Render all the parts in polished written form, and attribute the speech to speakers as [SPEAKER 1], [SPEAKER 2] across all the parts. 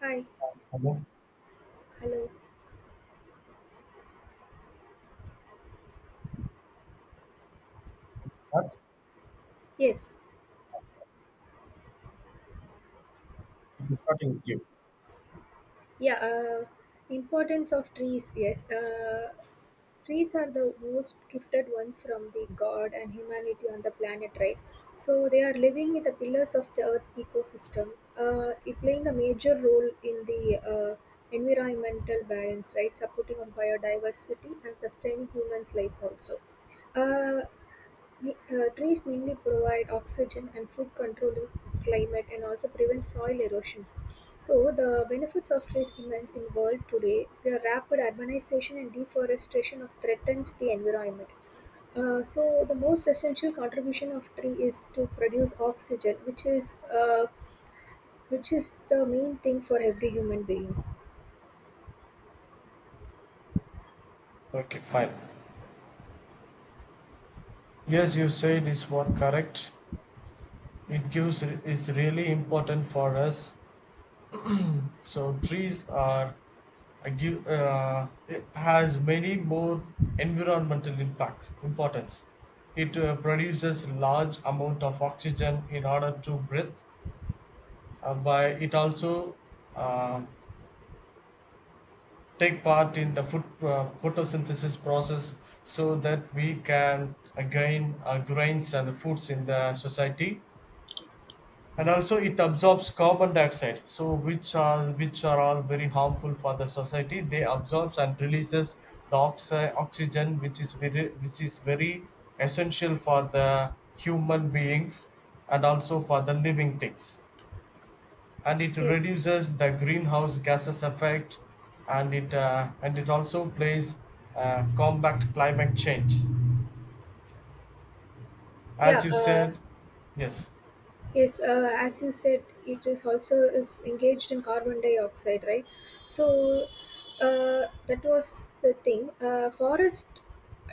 [SPEAKER 1] Hi,
[SPEAKER 2] Okay. Should
[SPEAKER 1] hello.
[SPEAKER 2] start.
[SPEAKER 1] Yes,
[SPEAKER 2] Okay, starting with you.
[SPEAKER 1] yeah. Importance of trees. Yes, trees are the most gifted ones from the God and humanity on the planet, right? So they are living in the pillars of the Earth's ecosystem. It playing a major role in the environmental balance, right? Supporting of biodiversity and sustaining humans' life also. Uh, The trees mainly provide oxygen and food control in climate and also prevent soil erosions. So the benefits of trees immense in world today. The rapid urbanization and deforestation of threatens the environment. So the most essential contribution of tree is to produce oxygen, which is which is the main thing for every human being.
[SPEAKER 2] Okay, fine. Yes, you said is what correct. It gives is really important for us. So trees are a give, it has many more environmental impacts importance. It produces large amount of oxygen in order to breathe. By it also uh, take part in the food, photosynthesis process so that we can gain grains and foods in the society, and also it absorbs carbon dioxide, so which are all very harmful for the society. They absorbs and releases the oxygen, which is very, which is very, essential for the human beings and also for the living things, and it
[SPEAKER 1] Yes.
[SPEAKER 2] reduces the greenhouse gases effect, and it also plays, combat climate change, as
[SPEAKER 1] Yeah.
[SPEAKER 2] you
[SPEAKER 1] Uh,
[SPEAKER 2] said. Yes.
[SPEAKER 1] Yes, uh, as you said, it is also is engaged in carbon dioxide, right? So that was the thing. Forest,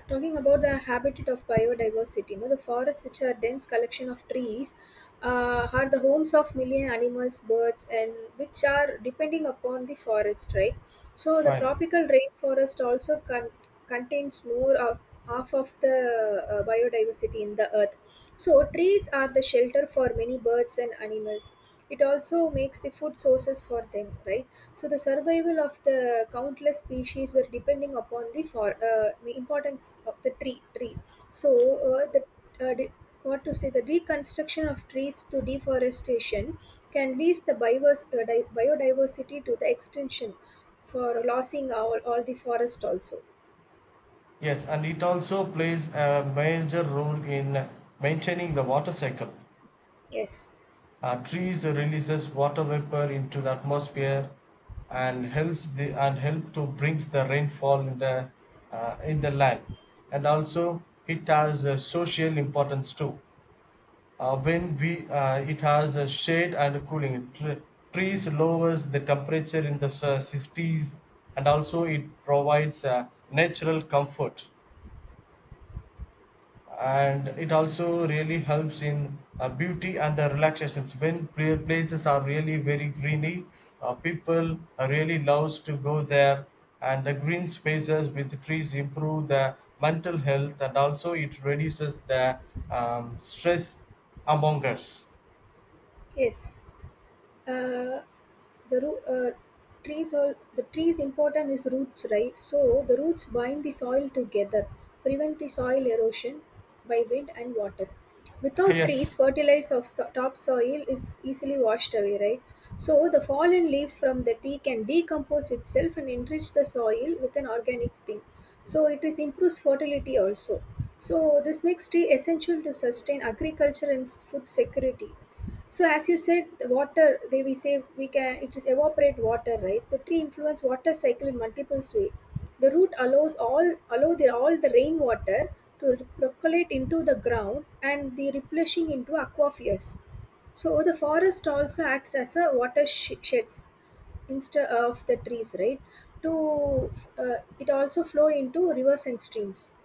[SPEAKER 1] talking about the habitat of biodiversity, you know, the forests, which are dense collection of trees, are the homes of million animals, birds, and which are depending upon the forest, right? So the
[SPEAKER 2] Fine.
[SPEAKER 1] tropical rainforest also contains more of half of the biodiversity in the earth. So trees are the shelter for many birds and animals. It also makes the food sources for them, right? So the survival of the countless species were depending upon the for the importance of the tree. So uh, the uh, de- what to say the deconstruction of trees to deforestation can lead the biodiversity to the extinction for losing all the forest also.
[SPEAKER 2] Yes, and it also plays a major role in maintaining the water cycle.
[SPEAKER 1] Yes,
[SPEAKER 2] Trees releases water vapor into the atmosphere, and helps the, and help to brings the rainfall in the, in the land. And also it has a social importance too. When we, it has a shade and cooling. Trees lowers the temperature in the cities, and also it provides natural comfort, and it also really helps in beauty and the relaxations. When places are really very greeny, people really loves to go there, and the green spaces with trees improve the mental health, and also it reduces the stress among us.
[SPEAKER 1] yes. uh, the root Trees, all the trees important is roots, right? So the roots bind the soil together, prevent the soil erosion by wind and water. Without
[SPEAKER 2] Hey.
[SPEAKER 1] trees
[SPEAKER 2] Yes.
[SPEAKER 1] fertilizer of topsoil is easily washed away, right? So the fallen leaves from the tea can decompose itself and enrich the soil with an organic thing, so it is improves fertility also. So this makes tea essential to sustain agriculture and food security. So as you said, the water they we say we can it is evaporate water, right? The tree influence water cycle in multiple ways. The root allow the all the rainwater to percolate into the ground and the replenishing into aquifers. So the forest also acts as a water sheds instead of the trees, right? To it also flow into rivers and streams.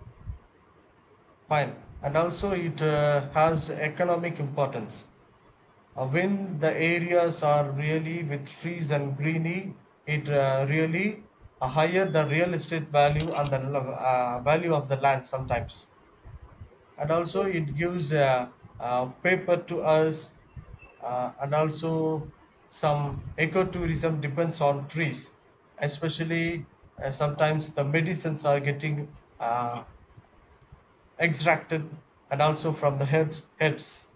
[SPEAKER 2] Fine. And also, it has economic importance. When the areas are really with trees and greeny, it really higher the real estate value and the value of the land sometimes. And also,
[SPEAKER 1] Yes,
[SPEAKER 2] it gives paper to us, and also some ecotourism depends on trees, especially, sometimes the medicines are getting extracted, and also from the herbs.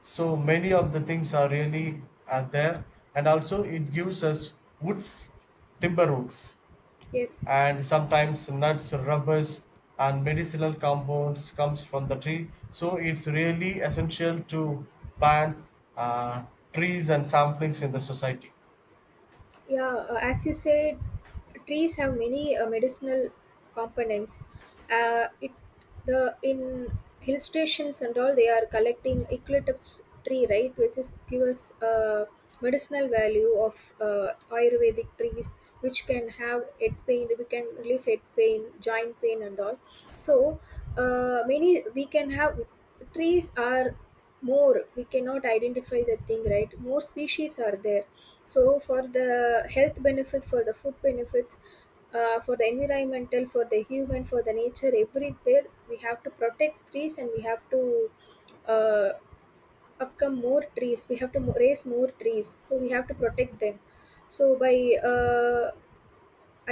[SPEAKER 2] So many of the things are really are there, and also it gives us woods, timber woods,
[SPEAKER 1] yes.
[SPEAKER 2] and sometimes nuts, rubbers, and medicinal compounds comes from the tree. So it's really essential to plant, uh, trees and samplings in the society.
[SPEAKER 1] Yeah, as you said, trees have many medicinal components. It the In hill stations and all they are collecting eucalyptus tree, right, which is give us medicinal value of Ayurvedic trees, which can have head pain, we can relieve head pain, joint pain, and all. So many we can have trees are more, we cannot identify the thing, right? More species are there. So for the health benefits, for the food benefits, for the environmental, for the human, for the nature, everywhere we have to protect trees, and we have to uh, upcome more trees we have to raise more trees, so we have to protect them. So by uh,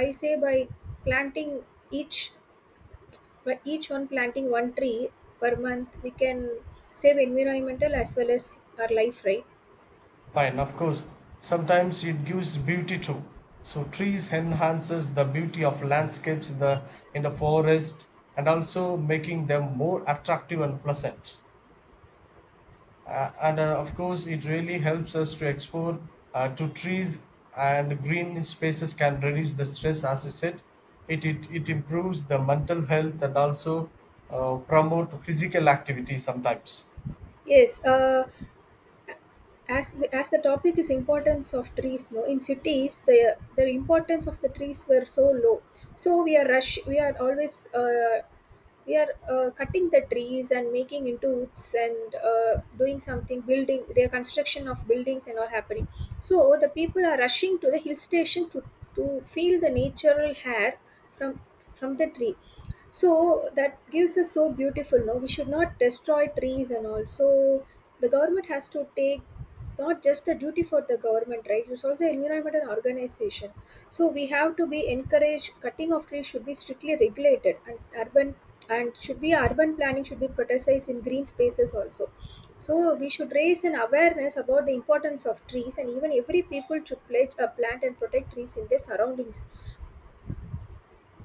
[SPEAKER 1] I say by planting each, by each one planting one tree per month, we can save environmental as well as our life, right?
[SPEAKER 2] Fine, of course. Sometimes it gives beauty too. So trees enhances the beauty of landscapes in the, in the forest, and also making them more attractive and pleasant. And of course, it really helps us to explore, to trees and green spaces can reduce the stress. As I said, it improves the mental health, and also promote physical activity sometimes.
[SPEAKER 1] Yes, as the topic is importance of trees, no, in cities the importance of the trees were so low. So we are rush, we are always we are cutting the trees and making into woods and doing something building their construction of buildings and all happening. So the people are rushing to the hill station to feel the natural hair from from the tree. So that gives us so beautiful, no? We should not destroy trees and all. So the government has to take, not just the duty for the government, right? It's also environment and organization. So we have to be encouraged, cutting of trees should be strictly regulated, and urban and should be urban planning should be prioritized in green spaces also. So we should raise an awareness about the importance of trees, and even every people should pledge a plant and protect trees in their surroundings.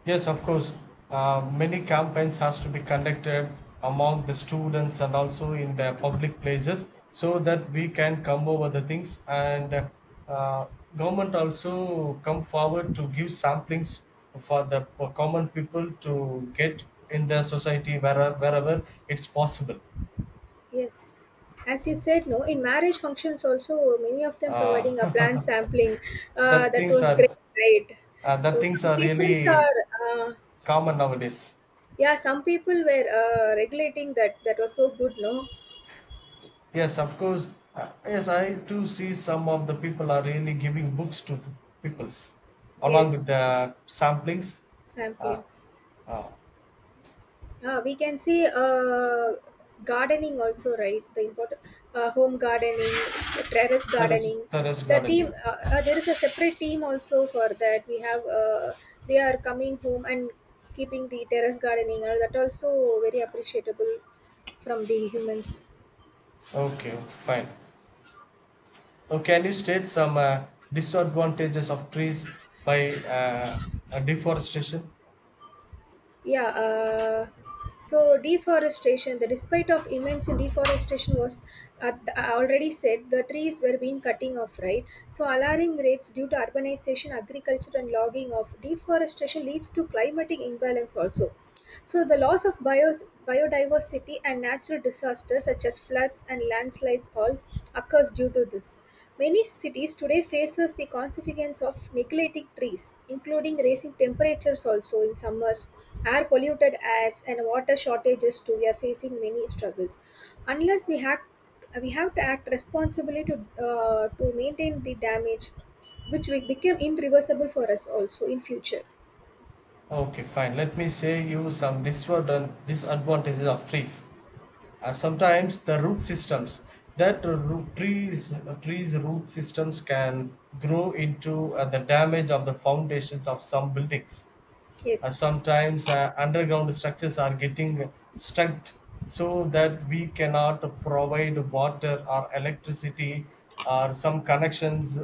[SPEAKER 2] Yes, of course. Many campaigns has to be conducted among the students and also in the public places, so that we can come over the things, and uh, government also come forward to give samplings for the, for common people to get in the society wherever it's possible.
[SPEAKER 1] Yes, as you said, no, in marriage functions also, many of them providing a planned
[SPEAKER 2] Uh,
[SPEAKER 1] sampling.
[SPEAKER 2] that
[SPEAKER 1] That
[SPEAKER 2] things
[SPEAKER 1] was great,
[SPEAKER 2] are,
[SPEAKER 1] right?
[SPEAKER 2] that
[SPEAKER 1] So
[SPEAKER 2] things
[SPEAKER 1] some
[SPEAKER 2] are
[SPEAKER 1] people
[SPEAKER 2] really
[SPEAKER 1] are,
[SPEAKER 2] common nowadays.
[SPEAKER 1] yeah, some people were regulating that. That was so good, no?
[SPEAKER 2] Yes, of course. Yes, I too see some of the people are really giving books to the peoples along with
[SPEAKER 1] Yes,
[SPEAKER 2] the samplings. Uh,
[SPEAKER 1] samplings.
[SPEAKER 2] uh,
[SPEAKER 1] We can see gardening also, right? The important home gardening, terrace
[SPEAKER 2] terrace,
[SPEAKER 1] gardening.
[SPEAKER 2] terrace
[SPEAKER 1] The team,
[SPEAKER 2] gardening.
[SPEAKER 1] there is a separate team also for that. We have, they are coming home and keeping the terrace gardening, and that also very appreciable from the humans.
[SPEAKER 2] Okay, okay, fine. Now, can you state some disadvantages of trees by deforestation?
[SPEAKER 1] Yeah, so deforestation, the despite of immense deforestation was at the, I already said the trees were being cutting off, right? So alarming rates due to urbanization, agriculture, and logging of deforestation leads to climatic imbalance also. So the loss of biodiversity and natural disasters such as floods and landslides all occurs due to this. Many cities today faces the consequence of neglecting trees, including raising temperatures also in summers, air polluted airs and water shortages too. We are facing many struggles. Unless we have, we have to act responsibly to maintain the damage, which will become irreversible for us also in future.
[SPEAKER 2] Okay, fine. Let me say you some disadvantages of trees. Sometimes the root systems, that root trees, trees root systems can grow into the damage of the foundations of some buildings.
[SPEAKER 1] Yes.
[SPEAKER 2] Sometimes underground structures are getting stuck, so that we cannot provide water or electricity or some connections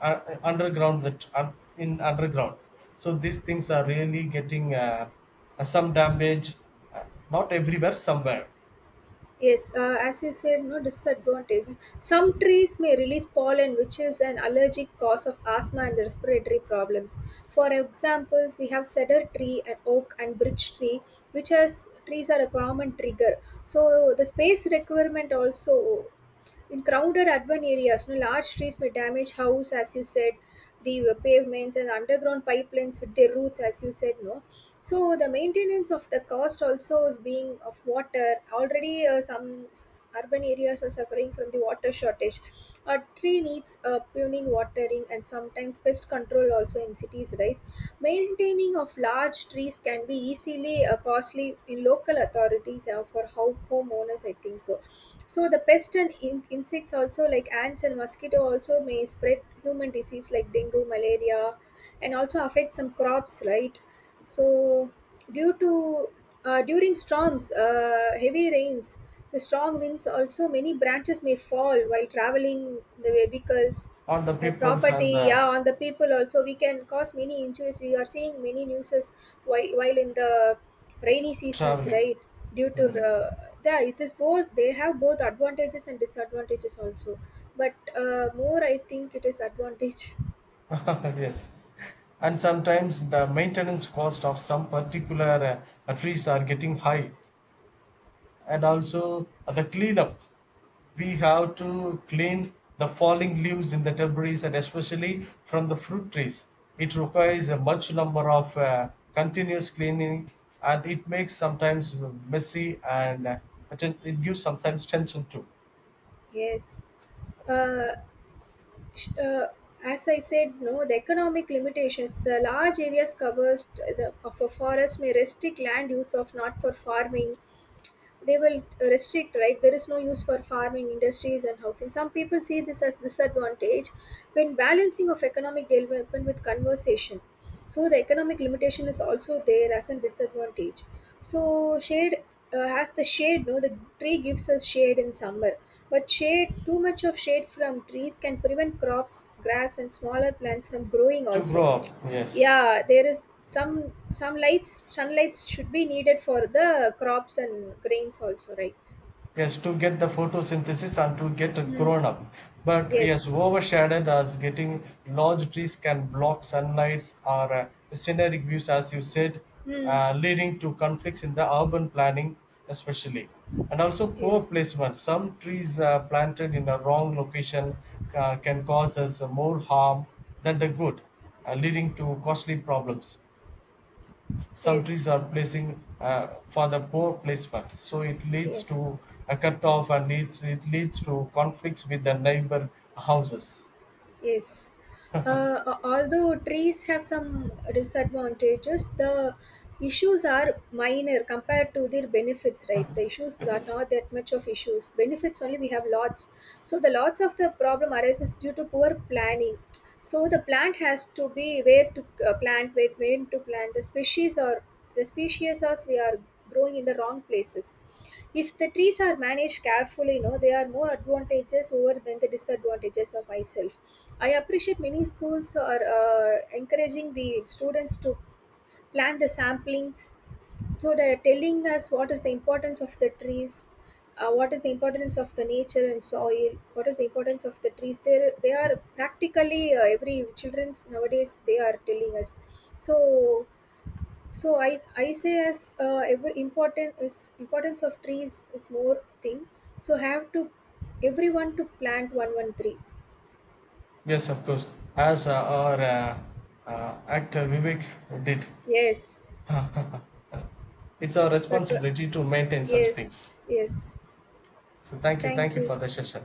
[SPEAKER 2] underground, that in underground. So these things are really getting some damage, uh, not everywhere, somewhere,
[SPEAKER 1] Yes, as you said, no, disadvantages. Some trees may release pollen, which is an allergic cause of asthma and respiratory problems. For examples, we have cedar tree and oak and birch tree, which has trees are a common trigger. So the space requirement also. In crowded urban areas, no, large trees may damage house, as you said, the pavements and underground pipelines with their roots, as you said, no. So the maintenance of the cost also is being of water. Already, some urban areas are suffering from the water shortage. A tree needs pruning, watering, and sometimes pest control also in cities. Right, maintaining of large trees can be easily costly in local authorities for how homeowners. I think so. So the pest and insects also like ants and mosquito also may spread human disease like dengue, malaria, and also affect some crops, right? So due to during storms, heavy rains, the strong winds also many branches may fall while traveling the vehicles.
[SPEAKER 2] on the peoples and
[SPEAKER 1] Property,
[SPEAKER 2] the
[SPEAKER 1] yeah, on the people also we can cause many injuries. We are seeing many newses while in the rainy seasons,
[SPEAKER 2] traveling.
[SPEAKER 1] right? due to
[SPEAKER 2] Mm.
[SPEAKER 1] Yeah, it is both, they have both advantages and disadvantages also, but more I think it is advantage.
[SPEAKER 2] Yes. And sometimes the maintenance cost of some particular trees are getting high, and also the cleanup. We have to clean the falling leaves in the debris, and especially from the fruit trees. It requires a much number of continuous cleaning, and it makes sometimes messy, and it it gives sometimes tension to
[SPEAKER 1] Yes, uh, sh- uh, as I said, no, the economic limitations, the large areas covers the, of a forest may restrict land use of not for farming, they will restrict right there is no use for farming industries and housing. Some people see this as disadvantage when balancing of economic development with conservation. So the economic limitation is also there as a disadvantage. So shade, has the shade, no, the tree gives us shade in summer, but shade too much of shade from trees can prevent crops grass and smaller plants from growing
[SPEAKER 2] to
[SPEAKER 1] also.
[SPEAKER 2] grow up. Yes.
[SPEAKER 1] Yeah, there is some lights sunlights should be needed for the crops and grains also, right?
[SPEAKER 2] Yes, to get the photosynthesis and to get
[SPEAKER 1] Hmm.
[SPEAKER 2] grown up, but yes,
[SPEAKER 1] Yes.
[SPEAKER 2] overshadowed as getting large trees can block sunlights or scenic views, as you said,
[SPEAKER 1] Hmm.
[SPEAKER 2] leading to conflicts in the urban planning especially, and also poor
[SPEAKER 1] Yes.
[SPEAKER 2] placement. Some trees planted in a wrong location, can cause us more harm than the good, leading to costly problems. Some
[SPEAKER 1] Yes.
[SPEAKER 2] trees are placing for the poor placement, so it leads
[SPEAKER 1] Yes.
[SPEAKER 2] to a cut off, and it leads to conflicts with the neighbor houses.
[SPEAKER 1] Yes. Although trees have some disadvantages, the issues are minor compared to their benefits, right? The issues are not that much of issues. Benefits only we have lots. So the lots of the problem arises due to poor planning. So the plant has to be where to plant, where when to plant the species or the species as we are growing in the wrong places. If the trees are managed carefully, you know, there are more advantages over than the disadvantages of myself. I appreciate many schools are encouraging the students to plant the samplings, so they're telling us what is the importance of the trees, what is the importance of the nature and soil, what is the importance of the trees. They are practically every children's nowadays they are telling us. So so i i say as ever important is importance of trees is more thing. So have to everyone to plant one tree.
[SPEAKER 2] Yes, of course, as our actor Vivek did.
[SPEAKER 1] Yes,
[SPEAKER 2] It's our
[SPEAKER 1] but
[SPEAKER 2] responsibility to maintain such
[SPEAKER 1] yes,
[SPEAKER 2] things.
[SPEAKER 1] yes,
[SPEAKER 2] So thank you.
[SPEAKER 1] thank
[SPEAKER 2] Thank you for
[SPEAKER 1] you.
[SPEAKER 2] the session.